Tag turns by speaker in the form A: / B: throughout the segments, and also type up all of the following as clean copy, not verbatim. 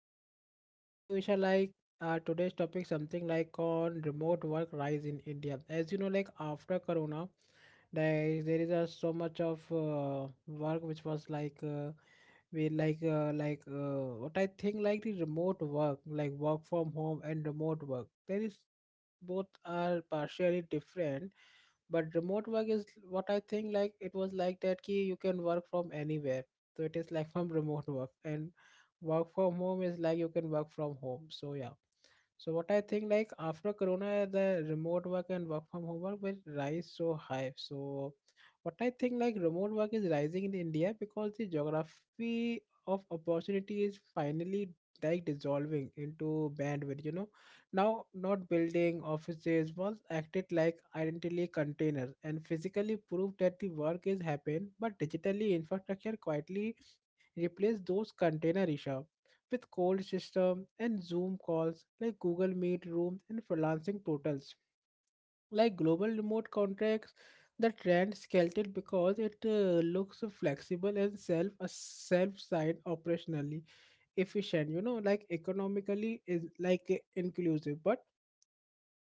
A: I'm also fine. You know, Isha, like today's topic something like on remote work rise in India. As you know like after corona there is so much of work which was like we like what I think like the remote work like work from home and remote work. There is both are partially different but remote work is what I think like it was like that key you can work from anywhere so it is like from remote work and work from home is like you can work from home so yeah so what I think like after Corona, the remote work and work from home work will rise so high. So what I think like remote work is rising in India because the geography of opportunity is finally like dissolving into bandwidth. You know, now, not building offices once acted like identity containers and physically proved that the work is happened, but digitally infrastructure quietly replaced those container issues with cold system and Zoom calls like Google Meet rooms and freelancing portals like global remote contracts. The trend skeleted because it looks flexible and self side operationally efficient. You know, like economically is like inclusive, but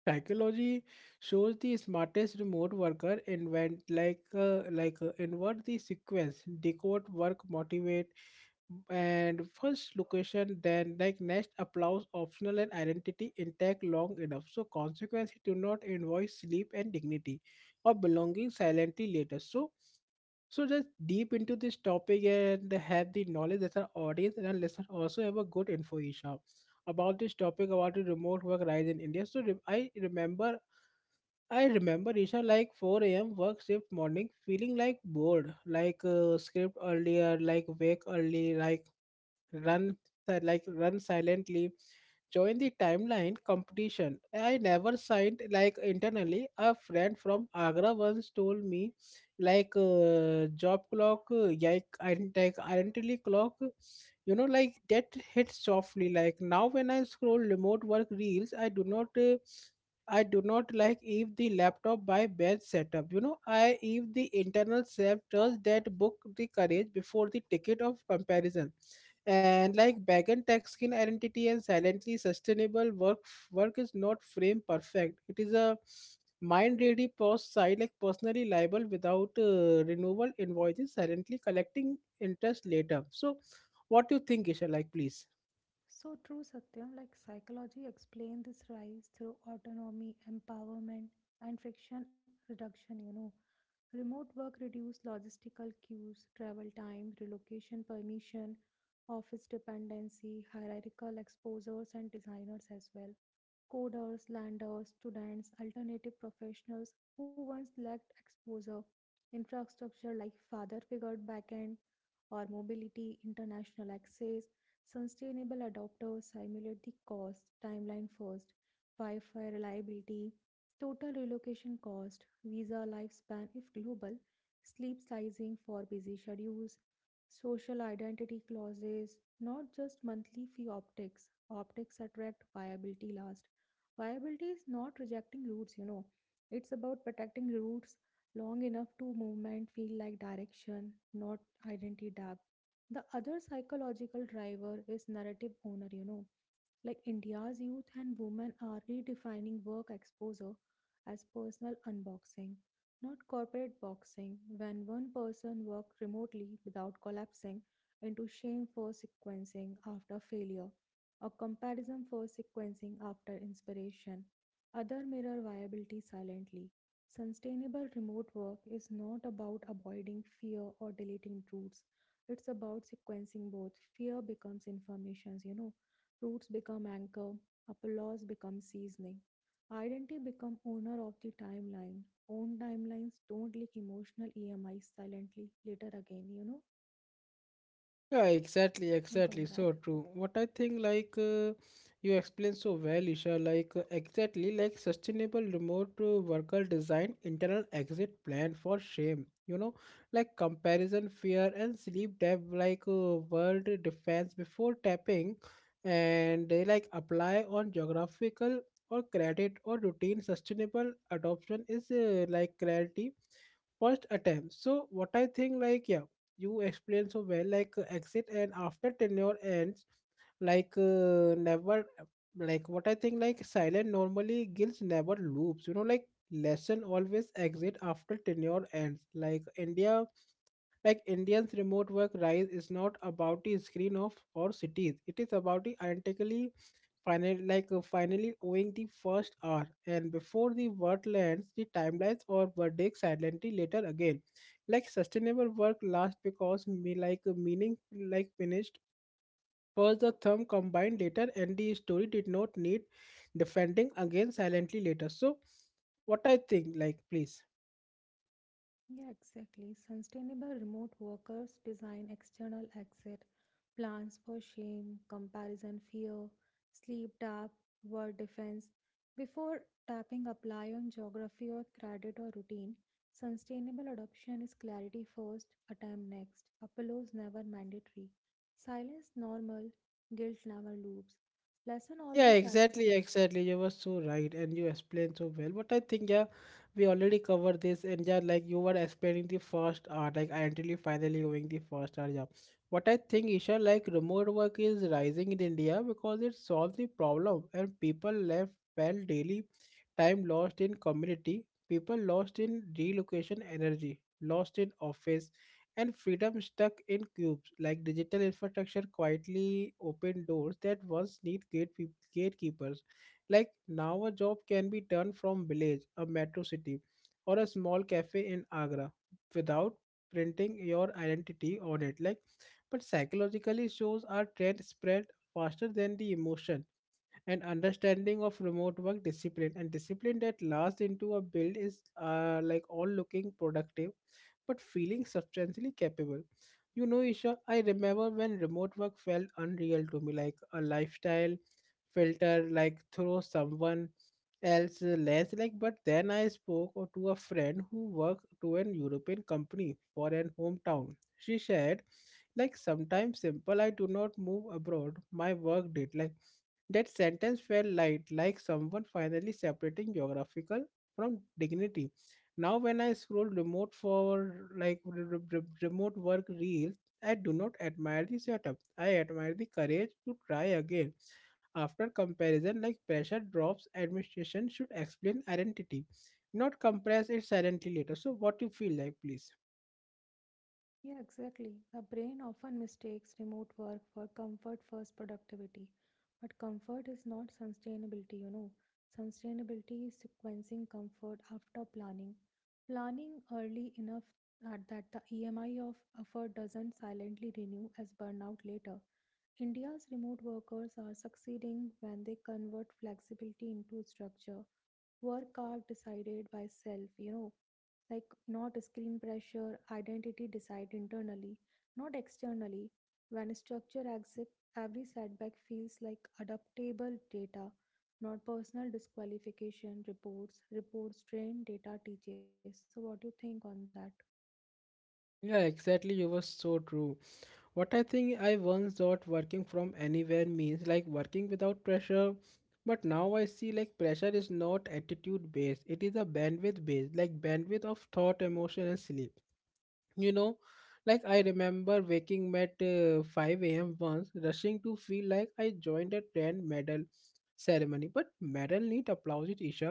A: psychology shows the smartest remote worker invent like invert the sequence, decode work, motivate, and first location then like next applause optional and identity intact long enough so consequently do not invoice sleep and dignity or belonging silently later so so just deep into this topic and have the knowledge that our audience and our listeners also have a good info, Isha, about this topic about the remote work rise in India. So I remember, Isha, like 4 a.m. work shift morning feeling like bored, like script earlier, like wake early, like run like run silently join the timeline competition I never signed like internally a friend from agra once told me like job clock like identity clock you know like that hits softly like now when I scroll remote work reels I do not I do not like if the laptop by bad setup. You know, I if the internal self does that book the courage before the ticket of comparison and like Bagan tech skin identity and silently sustainable work is not frame perfect it is a mind ready post side like personally liable without renewal invoices silently collecting interest later so what do you think, Isha, like please. Yeah, exactly, exactly. So true. What I think, like you explained so well, Isha. Like exactly, like sustainable remote worker design internal exit plan for shame. You know, like comparison, fear, and sleep debt, like world defense before tapping, and they like apply on geographical or credit or routine sustainable adoption is like clarity first attempt. So what I think, like yeah you explained so well like exit and after tenure ends like never like what I think like silent normally guilds never loops you know like lesson always exit after tenure ends like india like indians remote work rise is not about the screen of or cities it is about the identically final, like finally owing the first hour, and before the word lands, the timelines or verdict silently later again. Like sustainable work lasts because me like meaning like finished first the thumb combined later, and the story did not need defending again silently later. So, what I think, like please. Yeah, exactly, exactly. You were so right, and you explained so well. But I think yeah, we already covered this, and yeah, like you were explaining the first art, like identity finally going the first art. Yeah, what I think, Isha, like remote work is rising in India because it solves the problem, and people left felt daily time lost in community, people lost in relocation energy, lost in office, and freedom stuck in cubes. Like digital infrastructure quietly opened doors that once need gatekeepers. Like now, a job can be done from village, a metro city, or a small cafe in Agra without printing your identity on it. Like, but psychologically, shows are trend spread faster than the emotion and understanding of remote work discipline and discipline that lasts into a build is like all looking productive but feeling substantially capable, you know, Isha. I remember when remote work felt unreal to me like a lifestyle filter like through someone else lens like but then I spoke or to a friend who worked to an european company for an hometown she said like sometimes simple I do not move abroad my work did like that sentence felt light, like someone finally separating geographical from dignity. Now, when I scroll remote for like remote work reels, I do not admire the setup. I admire the courage to try again. After comparison, like pressure drops, administration should explain identity, not compress it silently later. So, what you feel like, please? Yeah, exactly. You were so true. What I think I once thought working from anywhere means like working without pressure, but now I see like pressure is not attitude based, it is a bandwidth based, like bandwidth of thought, emotion, and sleep you know like I remember waking at 5 a.m. once rushing to feel like I joined a grand medal ceremony but medal need applause it, Isha,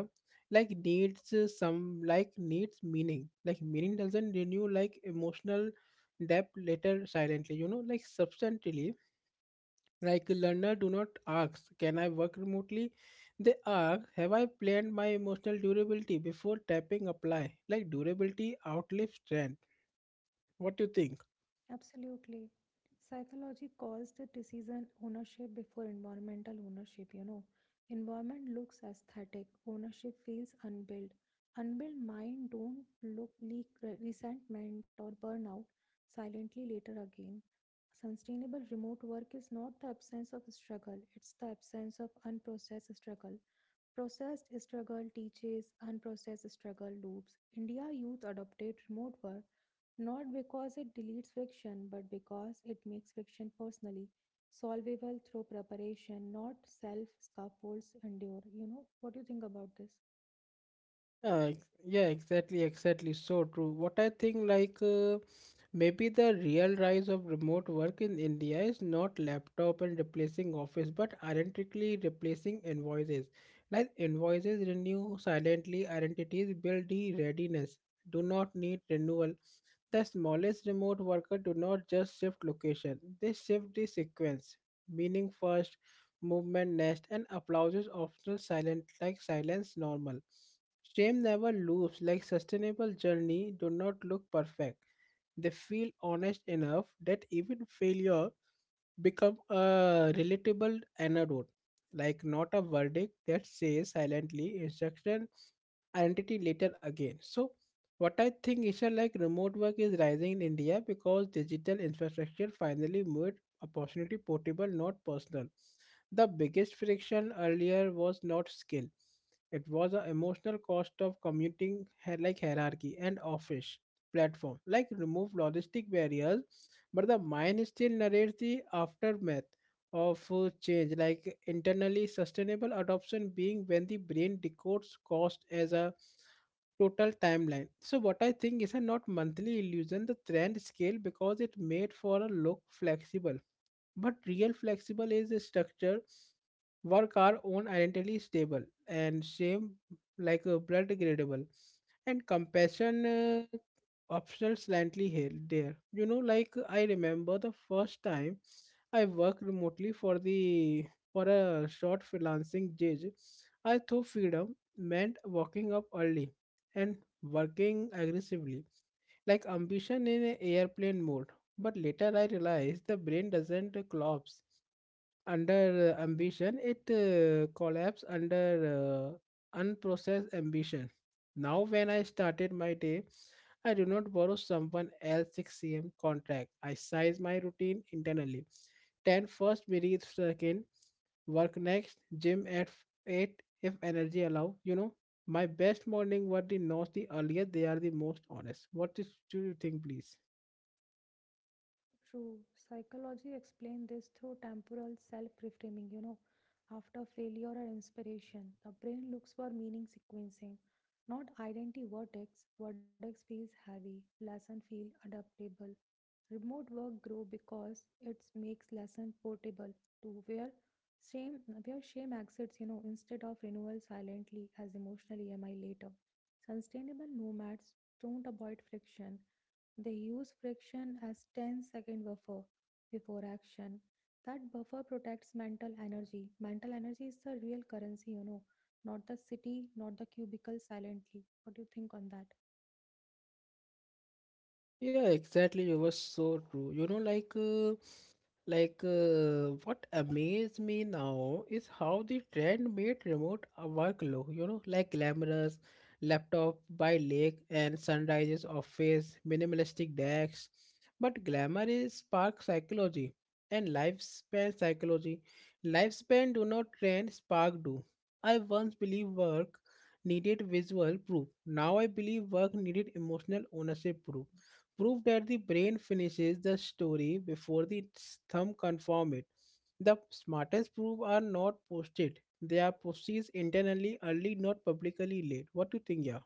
A: like needs some like needs meaning like meaning doesn't renew like emotional depth later silently you know like substantially like learner do not ask can I work remotely they ask have I planned my emotional durability before tapping apply like durability outlives trend what do you think. Yeah, exactly, exactly. So true. What I think, like, maybe the real rise of remote work in India is not laptop and replacing office, but identically replacing invoices. Like, invoices renew silently, identities build the readiness, do not need renewal. The smallest remote worker do not just shift location, they shift the sequence, meaning first, movement next, and applause is optional silent like silence normal. Shame never loops like sustainable journey do not look perfect. They feel honest enough that even failure become a relatable antidote, like not a verdict that says silently instruction identity later again. So what I think is that like remote work is rising in India because digital infrastructure finally made opportunity portable, not personal. The biggest friction earlier was not skill. It was an emotional cost of commuting like hierarchy and office platform. Like remove logistic barriers but the mind still narrates the aftermath of change, like internally sustainable adoption being when the brain decodes cost as a total timeline. So what I think is a not monthly illusion, the trend scale because it made for a look flexible but real flexible is a structure work are own identity stable and shame like a blood gradable and compassion optional slightly here there you know like I remember the first time I worked remotely for the for a short freelancing gig I thought freedom meant waking up early and working aggressively like ambition in a airplane mode but later I realized the brain doesn't collapse under ambition, it collapses under unprocessed ambition. Now, when I started my day, I do not borrow someone else's 6 a.m. contract. I size my routine internally. 10 first breathe second, work next, gym at 8 if energy allow. You know, my best morning were the not the earlier, they are the most honest. What is, do you think, please? Yeah, exactly. You were so true. You know, like, what amazed me now is how the trend made remote work look. You know, like glamorous laptop by lake and sunrises office, minimalistic decks. But glamour is spark psychology and lifespan psychology. Lifespan do not trend, spark do. I once believed work needed visual proof. Now I believe work needed emotional ownership proof prove that the brain finishes the story before the thumb confirm it. The smartest proof are not posted. They are posted internally early, not publicly late. What do you think, yeah?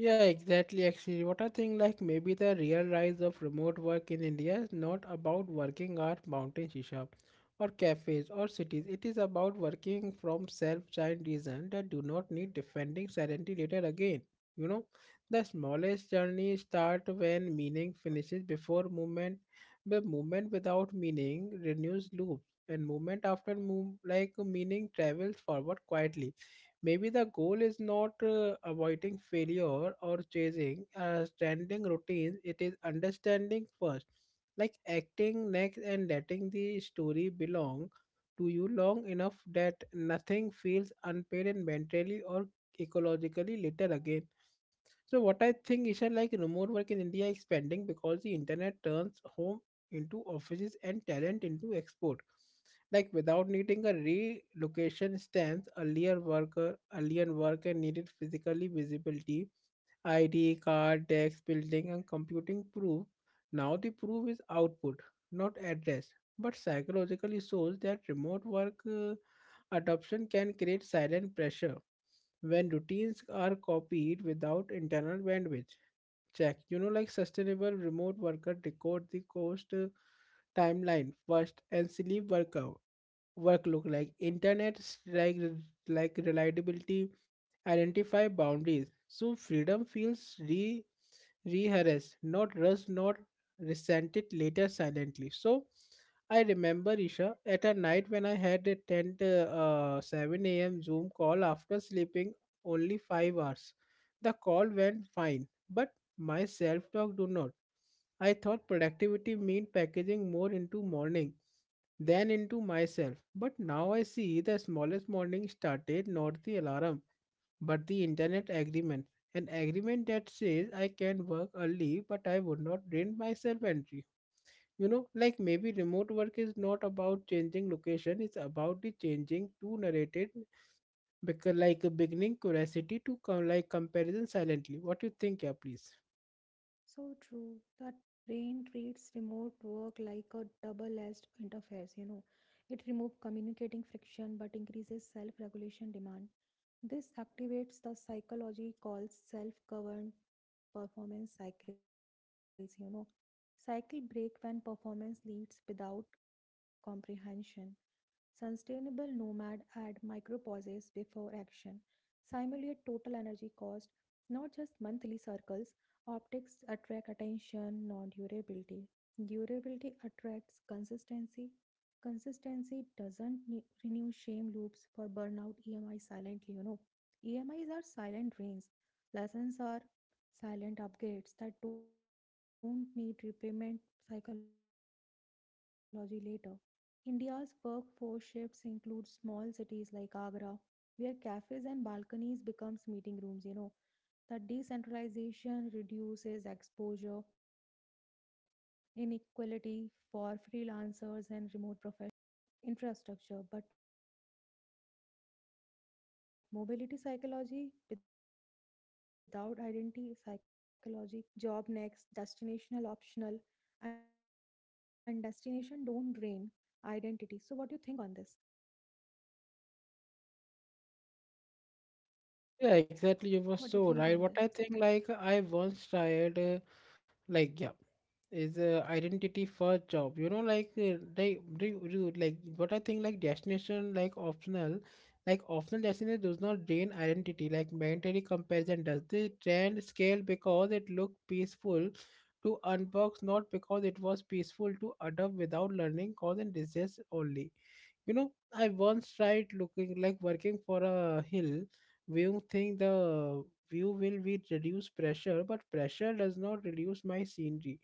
A: Yeah, exactly. Actually, what I think like maybe the real rise of remote work in India is not about working at mountain shisha or cafes or cities. It is about working from self-child reason that do not need defending serenity later again. You know, the smallest journey start when meaning finishes before movement. The movement without meaning renews loops, and movement after move like meaning travels forward quietly. Maybe the goal is not avoiding failure or chasing a standing routine, it is understanding first, like acting next and letting the story belong to you long enough that nothing feels unpaid and mentally or ecologically later again. So what I think is that like remote work in India is expanding because the internet turns home into offices and talent into export like without needing a relocation stamps. Earlier worker, earlier worker needed physically visibility, id card, tax building and computing proof. Now the proof is output, not address. But psychologically shows that remote work adoption can create silent pressure when routines are copied without internal bandwidth check. You know, like sustainable remote worker record the cost, timeline first, and sleep worker work look like internet, like like reliability, identify boundaries so freedom feels re rehearsed, not rushed, not resented later silently. So I remember Isha at a night when I had a 10 to, 7 a.m zoom call after sleeping only 5 hours. The call went fine but my self-talk do not. I thought productivity meant packaging more into morning than into myself. But now I see the smallest morning started, not the alarm, but the internet agreement, an agreement that says I can work early but I would not drain myself entry. You know, like maybe remote work is not about changing location, it's about the changing to narrated, because like a beginning curiosity to come like comparison silently. What you think, yeah, please? Yeah, exactly. You were so right. What I think, like I once tried. Like yeah is identity for job, you know, like they do like. What I think, like destination, like optional, like optional destination does not drain identity like mandatory comparison does. The trend scale because it looked peaceful to unbox, not because it was peaceful to adopt without learning cause and disease only. You know, I once tried looking like working for a hill view. Think the view will be reduce pressure, but pressure does not reduce my scenery.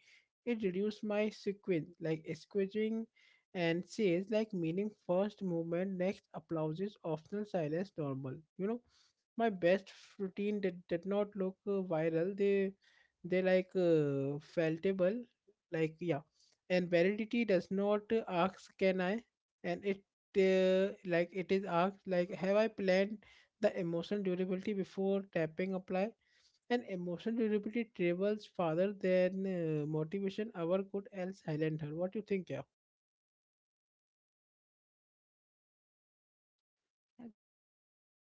A: It reduces my sequence, like squishing, and says like meaning first, movement next, applauses optional, silence normal. You know, my best routine did not look viral. They like feltable, like yeah. And validity does not ask can I, and it like it is asked, like have I planned the emotional durability before tapping apply? And emotional durability travels farther than motivation ever could else silent her. What do you think, yeah?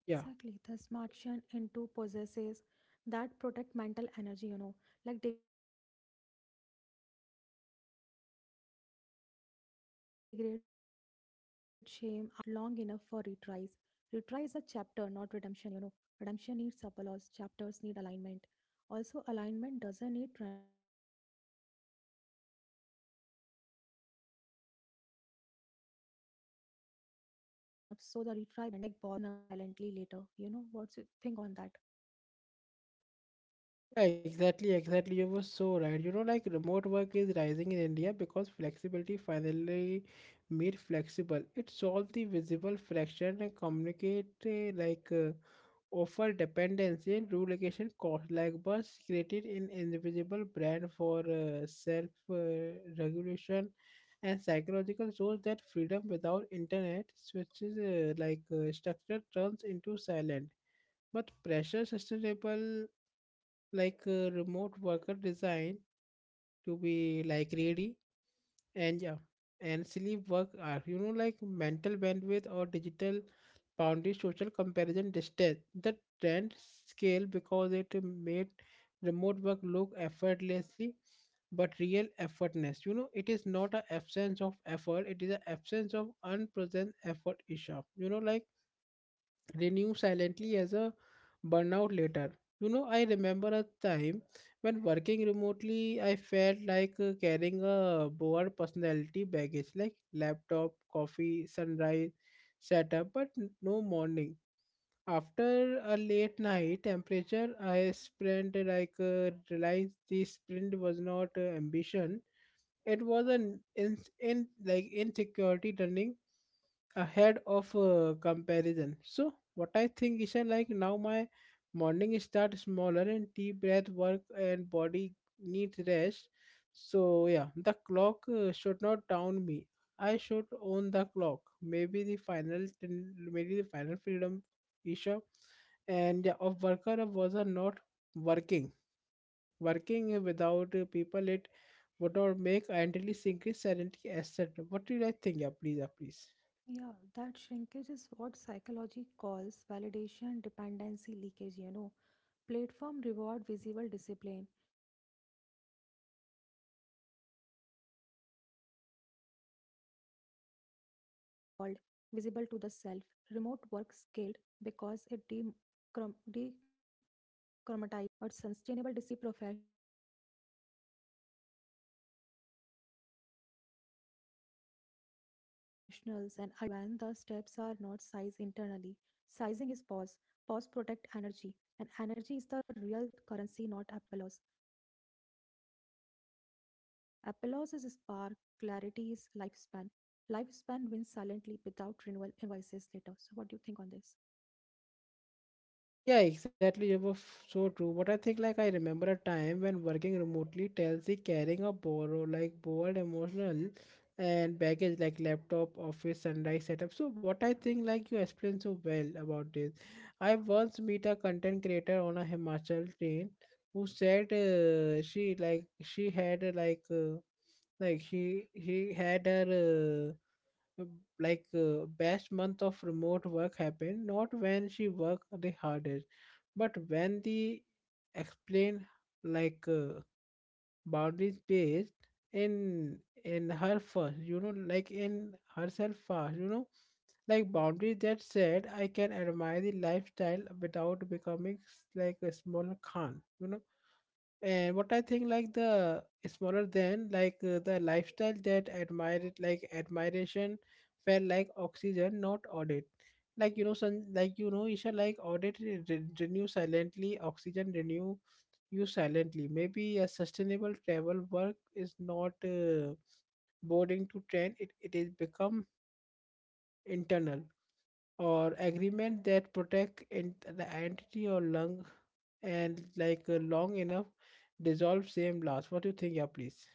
A: Yeah. Yeah, exactly, exactly. You were so right. You know, like remote work is rising in India because flexibility finally made flexible. It solved the visible fraction and communicate offer dependency and relocation costs, like Buzz created an invisible brand for self regulation, and psychological shows that freedom without internet switches structure turns into silent but pressure sustainable, like remote worker design to be like ready and yeah and sleep work are, you know, like mental bandwidth or digital boundary, social comparison distance. The trend scale because it made remote work look effortlessly, but real effortness, you know, it is not an absence of effort, it is an absence of unpresent effort, Isha. You know, like renew silently as a burnout later. You know, I remember a time when working remotely, I felt like carrying a broad personality baggage like laptop, coffee, sunrise, setup, but no morning. After a late night temperature, I sprint, like realized this sprint was not ambition. It was an in like insecurity turning ahead of comparison. So what I think is that, like, now my morning start smaller and deep breath work and body needs rest. So yeah, the clock should not down me. I should own the clock. Maybe the final, maybe the final freedom issue, and yeah, of worker was are not working. Working without people, it would not make identity sync is serenity asset. What did I think? Yeah, please, yeah, please. Yeah, exactly. It was so true. But I think like I remember a time when working remotely, Telsey carrying a borrow like bold emotional and baggage like laptop, office, sunrise setup. So what I think, like, you explained so well about this. I once meet a content creator on a Himachal train who said she like she had her uh, best month of remote work happened not when she worked the hardest but when the explained like boundaries based in in her first, you know, like in herself first, you know, like boundaries that said I can admire the lifestyle without becoming like a small Khan, you know. And what I think, like the smaller than, like the lifestyle that admired, like admiration, felt like oxygen, not audit. Like, you know, son, like, you know, Isha, like audit renew silently, oxygen renew you silently. Maybe a sustainable travel work is not boarding to train; it is become internal or agreement that protect in the entity or lung and, like long enough, dissolve same loss. What do you think, yeah, please?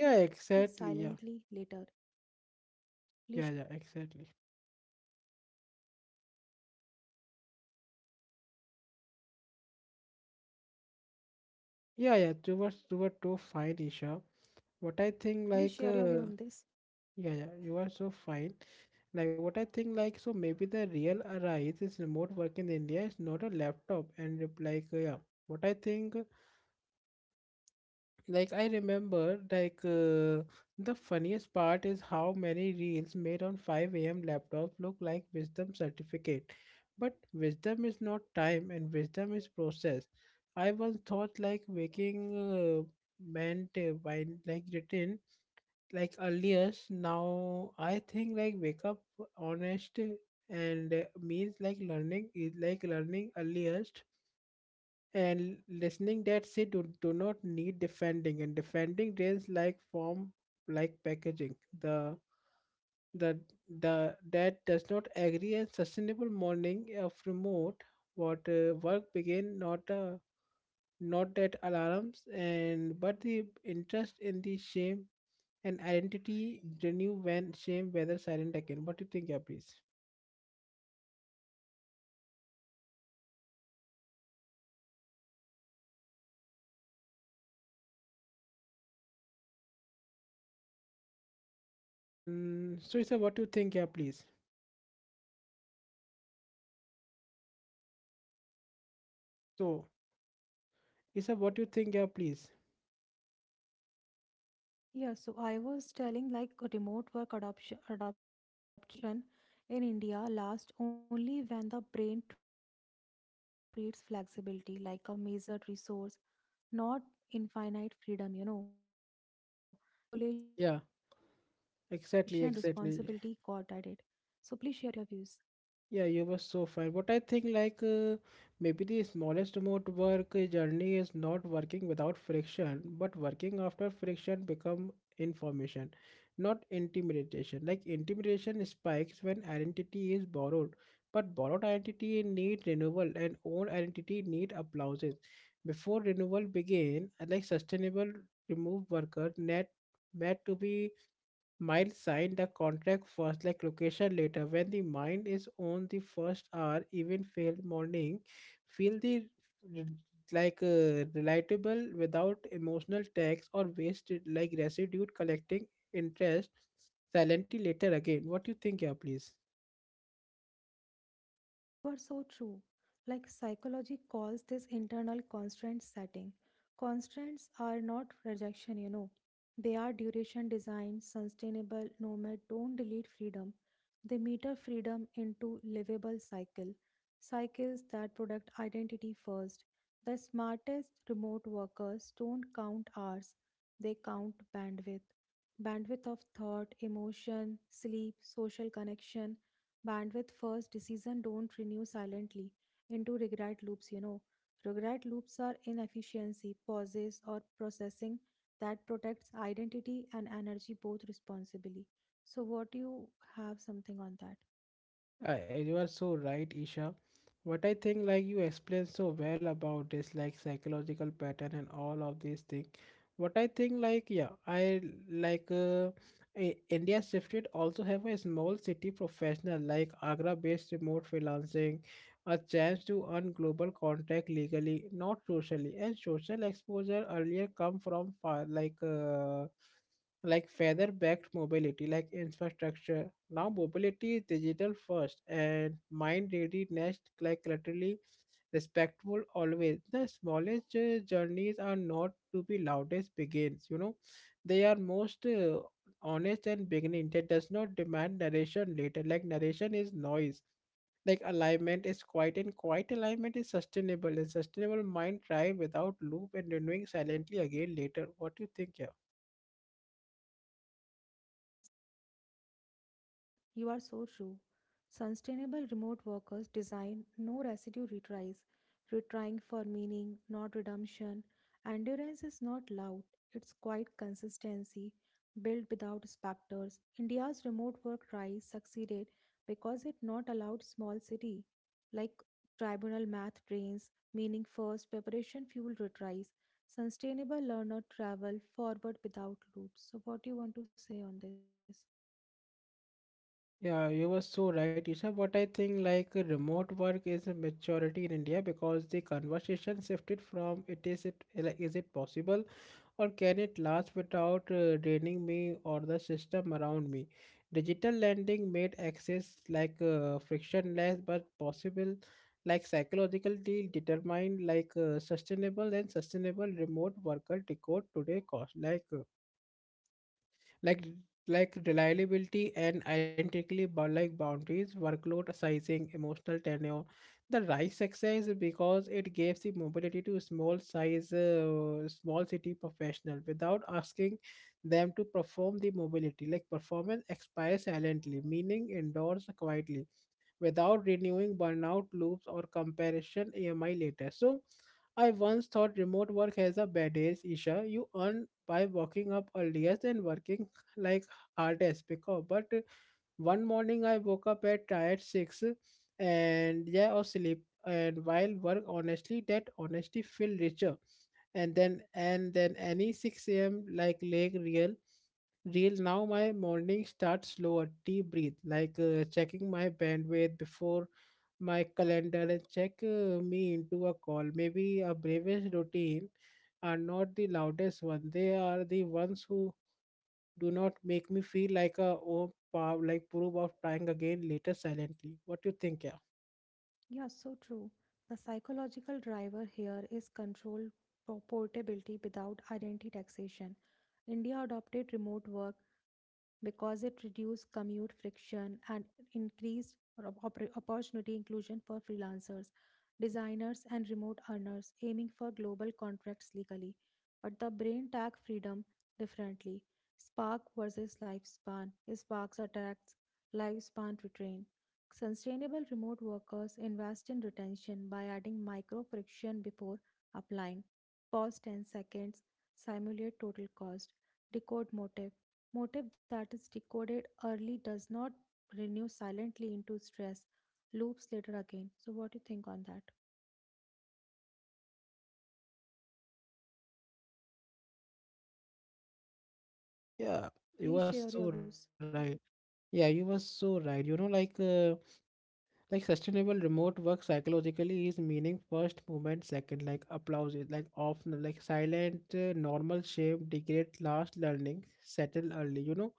A: Yeah, exactly, yeah. Yeah, yeah, exactly. Yeah, yeah, you were, you were too fine, Isha. What I think, like yeah, yeah, you are so fine. Like what I think, like so maybe the real arise is remote work in India is not a laptop and yeah. What I think, like I remember, like the funniest part is how many reels made on 5 a.m. laptops look like wisdom certificate. But wisdom is not time, and wisdom is process. I once thought like waking meant by like written like earliest. Now I think like wake up honest and means like learning is like learning earliest, and listening that say, do not need defending, and defending drains like form, like packaging the the the that does not agree. And sustainable morning of remote what work begin not not that alarms and but the interest in the shame, and identity renew when shame whether silent again. What do you think, yeah, please? Mm, so it's a what do you think, yeah please, so it's a what do you think, yeah please?
B: Yeah, so I was telling like a remote work adoption in India lasts only when the brain treats flexibility like a measured resource, not infinite freedom, you know. Commuting time
A: Yeah.
B: got subtracted, but
A: Exactly, exactly.
B: self-regulation responsibility got added. So please share your
A: Yeah,
B: views.
A: you were so fine. But I think like maybe the smallest remote work journey is not working without friction, but working after friction become information, not intimidation. Like intimidation spikes when identity is borrowed, but borrowed identity need renewal and own identity need applauses. Before renewal begin, like sustainable remove worker net meant to be, might sign the contract first, like location later. When the mind is on the first hour, even failed morning, feel the re- like relatable without emotional tax or wasted like residue collecting interest silently later again. What do you think, yeah, please?
B: You are so true. Like psychology calls this internal constraint setting. Constraints are not rejection, you know. They are duration design, sustainable nomad don't delete freedom. They meter freedom into livable cycle. Cycles that product identity first. The smartest remote workers don't count hours, they count bandwidth. Bandwidth of thought, emotion, sleep, social connection, bandwidth first decision don't renew silently into regret loops, you know, regret loops are inefficiency pauses or processing that protects identity and energy both responsibly. So what do you have something on that?
A: You are so right, Isha. What I think, like you explained so well about this, like psychological pattern and all of these things. What I think, like yeah, I like India shifted also have a small city professional like Agra-based remote freelancing, a chance to earn global contact legally, not socially, and social exposure earlier come from far like. Like feather backed mobility, like infrastructure. Now mobility is digital first and mind ready next, like laterally respectful always. The smallest journeys are not to be loudest begins, you know, they are most honest, and beginning that does not demand narration later. Like narration is noise, like alignment is quiet, and quiet alignment is sustainable, and sustainable mind drive without loop and renewing silently again later. What do you think, yeah?
B: Yeah, you are so true. Sustainable remote workers design no residue retries, retrying for meaning, not redemption. Endurance is not loud, it's quiet consistency, built without specters. India's remote work rise succeeded because it not allowed small city, like tribunal math drains, meaning first, preparation fuel retries. Sustainable learner travel forward without loops. So what do you want to say on this?
A: Yeah, you were so right, Isha. But I think like remote work is a maturity in India because the conversation shifted from, it is it like is it possible, or can it last without draining me or the system around me. Digital lending made access like frictionless but possible, like psychologically determined, like sustainable and sustainable remote worker decode today cost like. Like reliability and identically like boundaries, workload sizing, emotional tenure. The rise success because it gives the mobility to small size small city professional without asking them to perform the mobility, like performance expires silently, meaning indoors quietly without renewing burnout loops or comparison ami later. So I once thought remote work has a bad days, Isha. You earn by walking up earlier than working like hardest because but one morning I woke up at tired six and yeah or sleep and while work honestly, that honestly feel richer. And then any 6 a.m like leg real. Now my morning starts slower, deep breathe, like checking my bandwidth before my calendar and check me into a call. Maybe a bravest routine are not the loudest one, they are the ones who do not make me feel like a like proof of trying again later silently. What do you think, yeah?
B: Yeah, so true. The psychological driver here is control portability without identity taxation. India adopted remote work because it reduced commute friction and increased opportunity inclusion for freelancers, designers, and remote earners aiming for global contracts legally. But the brain tag freedom differently. Spark versus lifespan. Spark's attacks, lifespan retrain. Sustainable remote workers invest in retention by adding micro friction before applying. Pause 10 seconds, simulate total cost, decode motive. Motive that is decoded early does not renew silently into stress, loops later again. So, what do you think on that?
A: Yeah,
B: Please
A: you were
B: share your
A: so right.
B: views.
A: Yeah, you were so right. You know, like like sustainable remote work psychologically is meaning first, moment second, like applause is like often like silent normal, shame degrade last, learning settle early. You know,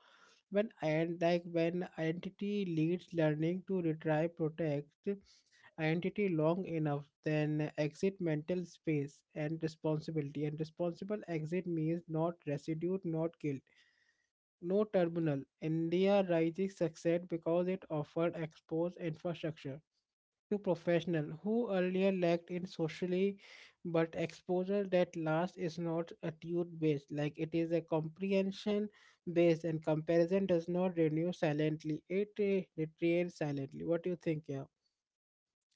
A: when and like when identity leads learning to retry, protect identity long enough then exit mental space and responsibility, and responsible exit means not residue, not guilt, no terminal. India rising succeeded because it offered exposed infrastructure to professionals who earlier lacked in socially, but exposure that last is not attitude based, like it is a comprehension based, and comparison does not renew silently; it deteriorates silently. What do you think, yeah?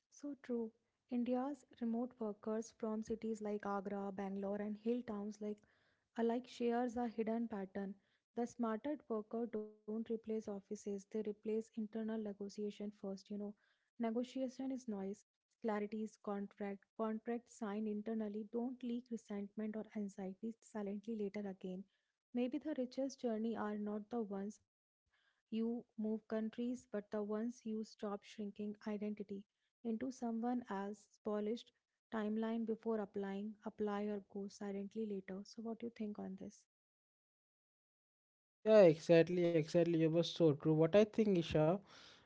B: So true. India's remote workers from cities like Agra, Bangalore, and hill towns like Alike shares a hidden pattern. The smarter worker don't replace offices, they replace internal negotiation first, you know. Negotiation is noise, clarity is contract, contracts signed internally don't leak resentment or anxiety silently later again. Maybe the richest journey are not the ones you move countries, but the ones you stop shrinking identity into someone else's polished timeline before applying, apply or go silently later. So, what do you think on this?
A: Yeah, exactly, exactly. It was so true. What I think, Isha,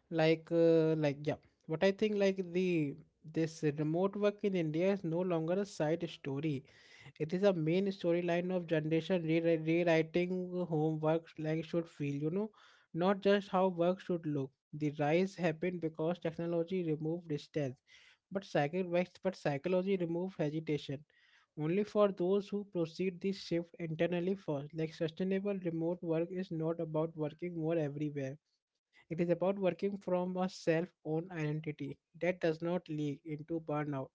A: like yeah, what I think, like the this remote work in India is no longer a side story. It is a main storyline of generation rewriting homework, like should feel, you know, not just how work should look. The rise happened because technology removed distance, but psychology removed hesitation. Only for those who proceed this shift internally first, like sustainable remote work is not about working more everywhere, it is about working from a self owned identity that does not leak into burnout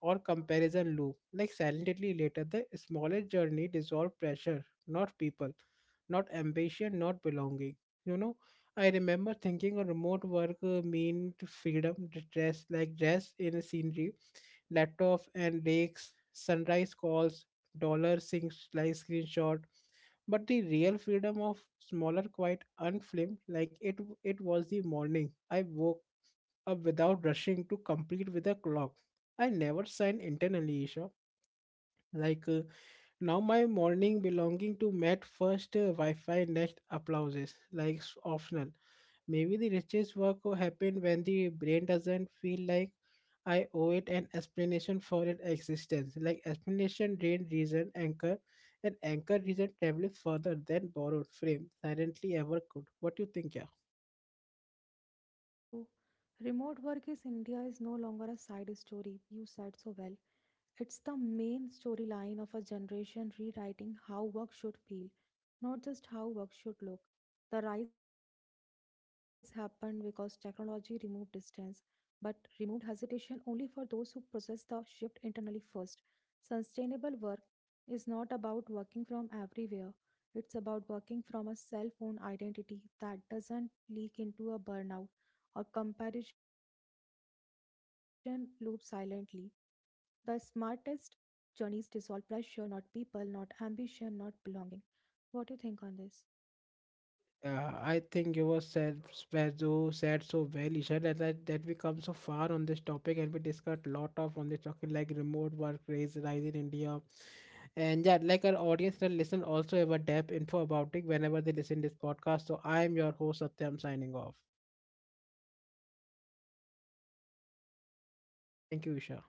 A: or comparison loop. Like silently later, the smallest journey dissolve pressure, not people, not ambition, not belonging. You know, I remember thinking a remote work meant freedom, dress in a scenery, laptop and lakes, sunrise calls, dollar sinks like screenshot. But the real freedom of smaller, quiet, unfilmed, like it was the morning. I woke up without rushing to complete with a clock. I never signed internally, Isha. Like now, my morning belonging to Met first Wi-Fi, next applauses. Like optional. Maybe the richest work will happen when the brain doesn't feel like I owe it an explanation for its existence. Like explanation drain reason anchor, and anchor reason travels further than borrowed frame silently ever could. What do you think, yeah?
B: So true. Remote work is India is no longer a side story. You said so well. It's the main storyline of a generation rewriting how work should feel, not just how work should look. The rise happened because technology removed distance, but removed hesitation only for those who process the shift internally first. Sustainable work is not about working from everywhere. It's about working from a cell phone identity that doesn't leak into a burnout or comparison loop silently. The smartest journeys dissolve pressure, not people, not ambition, not belonging. What do you think on this?
A: I think you were said so well, Isha, that, we come so far on this topic and we discussed lot of on the topic like remote work raise rise in India, and yeah, like our audience that listen also have a depth info about it whenever they listen this podcast. So I am your host Satyam signing off.
B: I'm your co host Isha signing off. Thank you.
A: Thank you, Isha.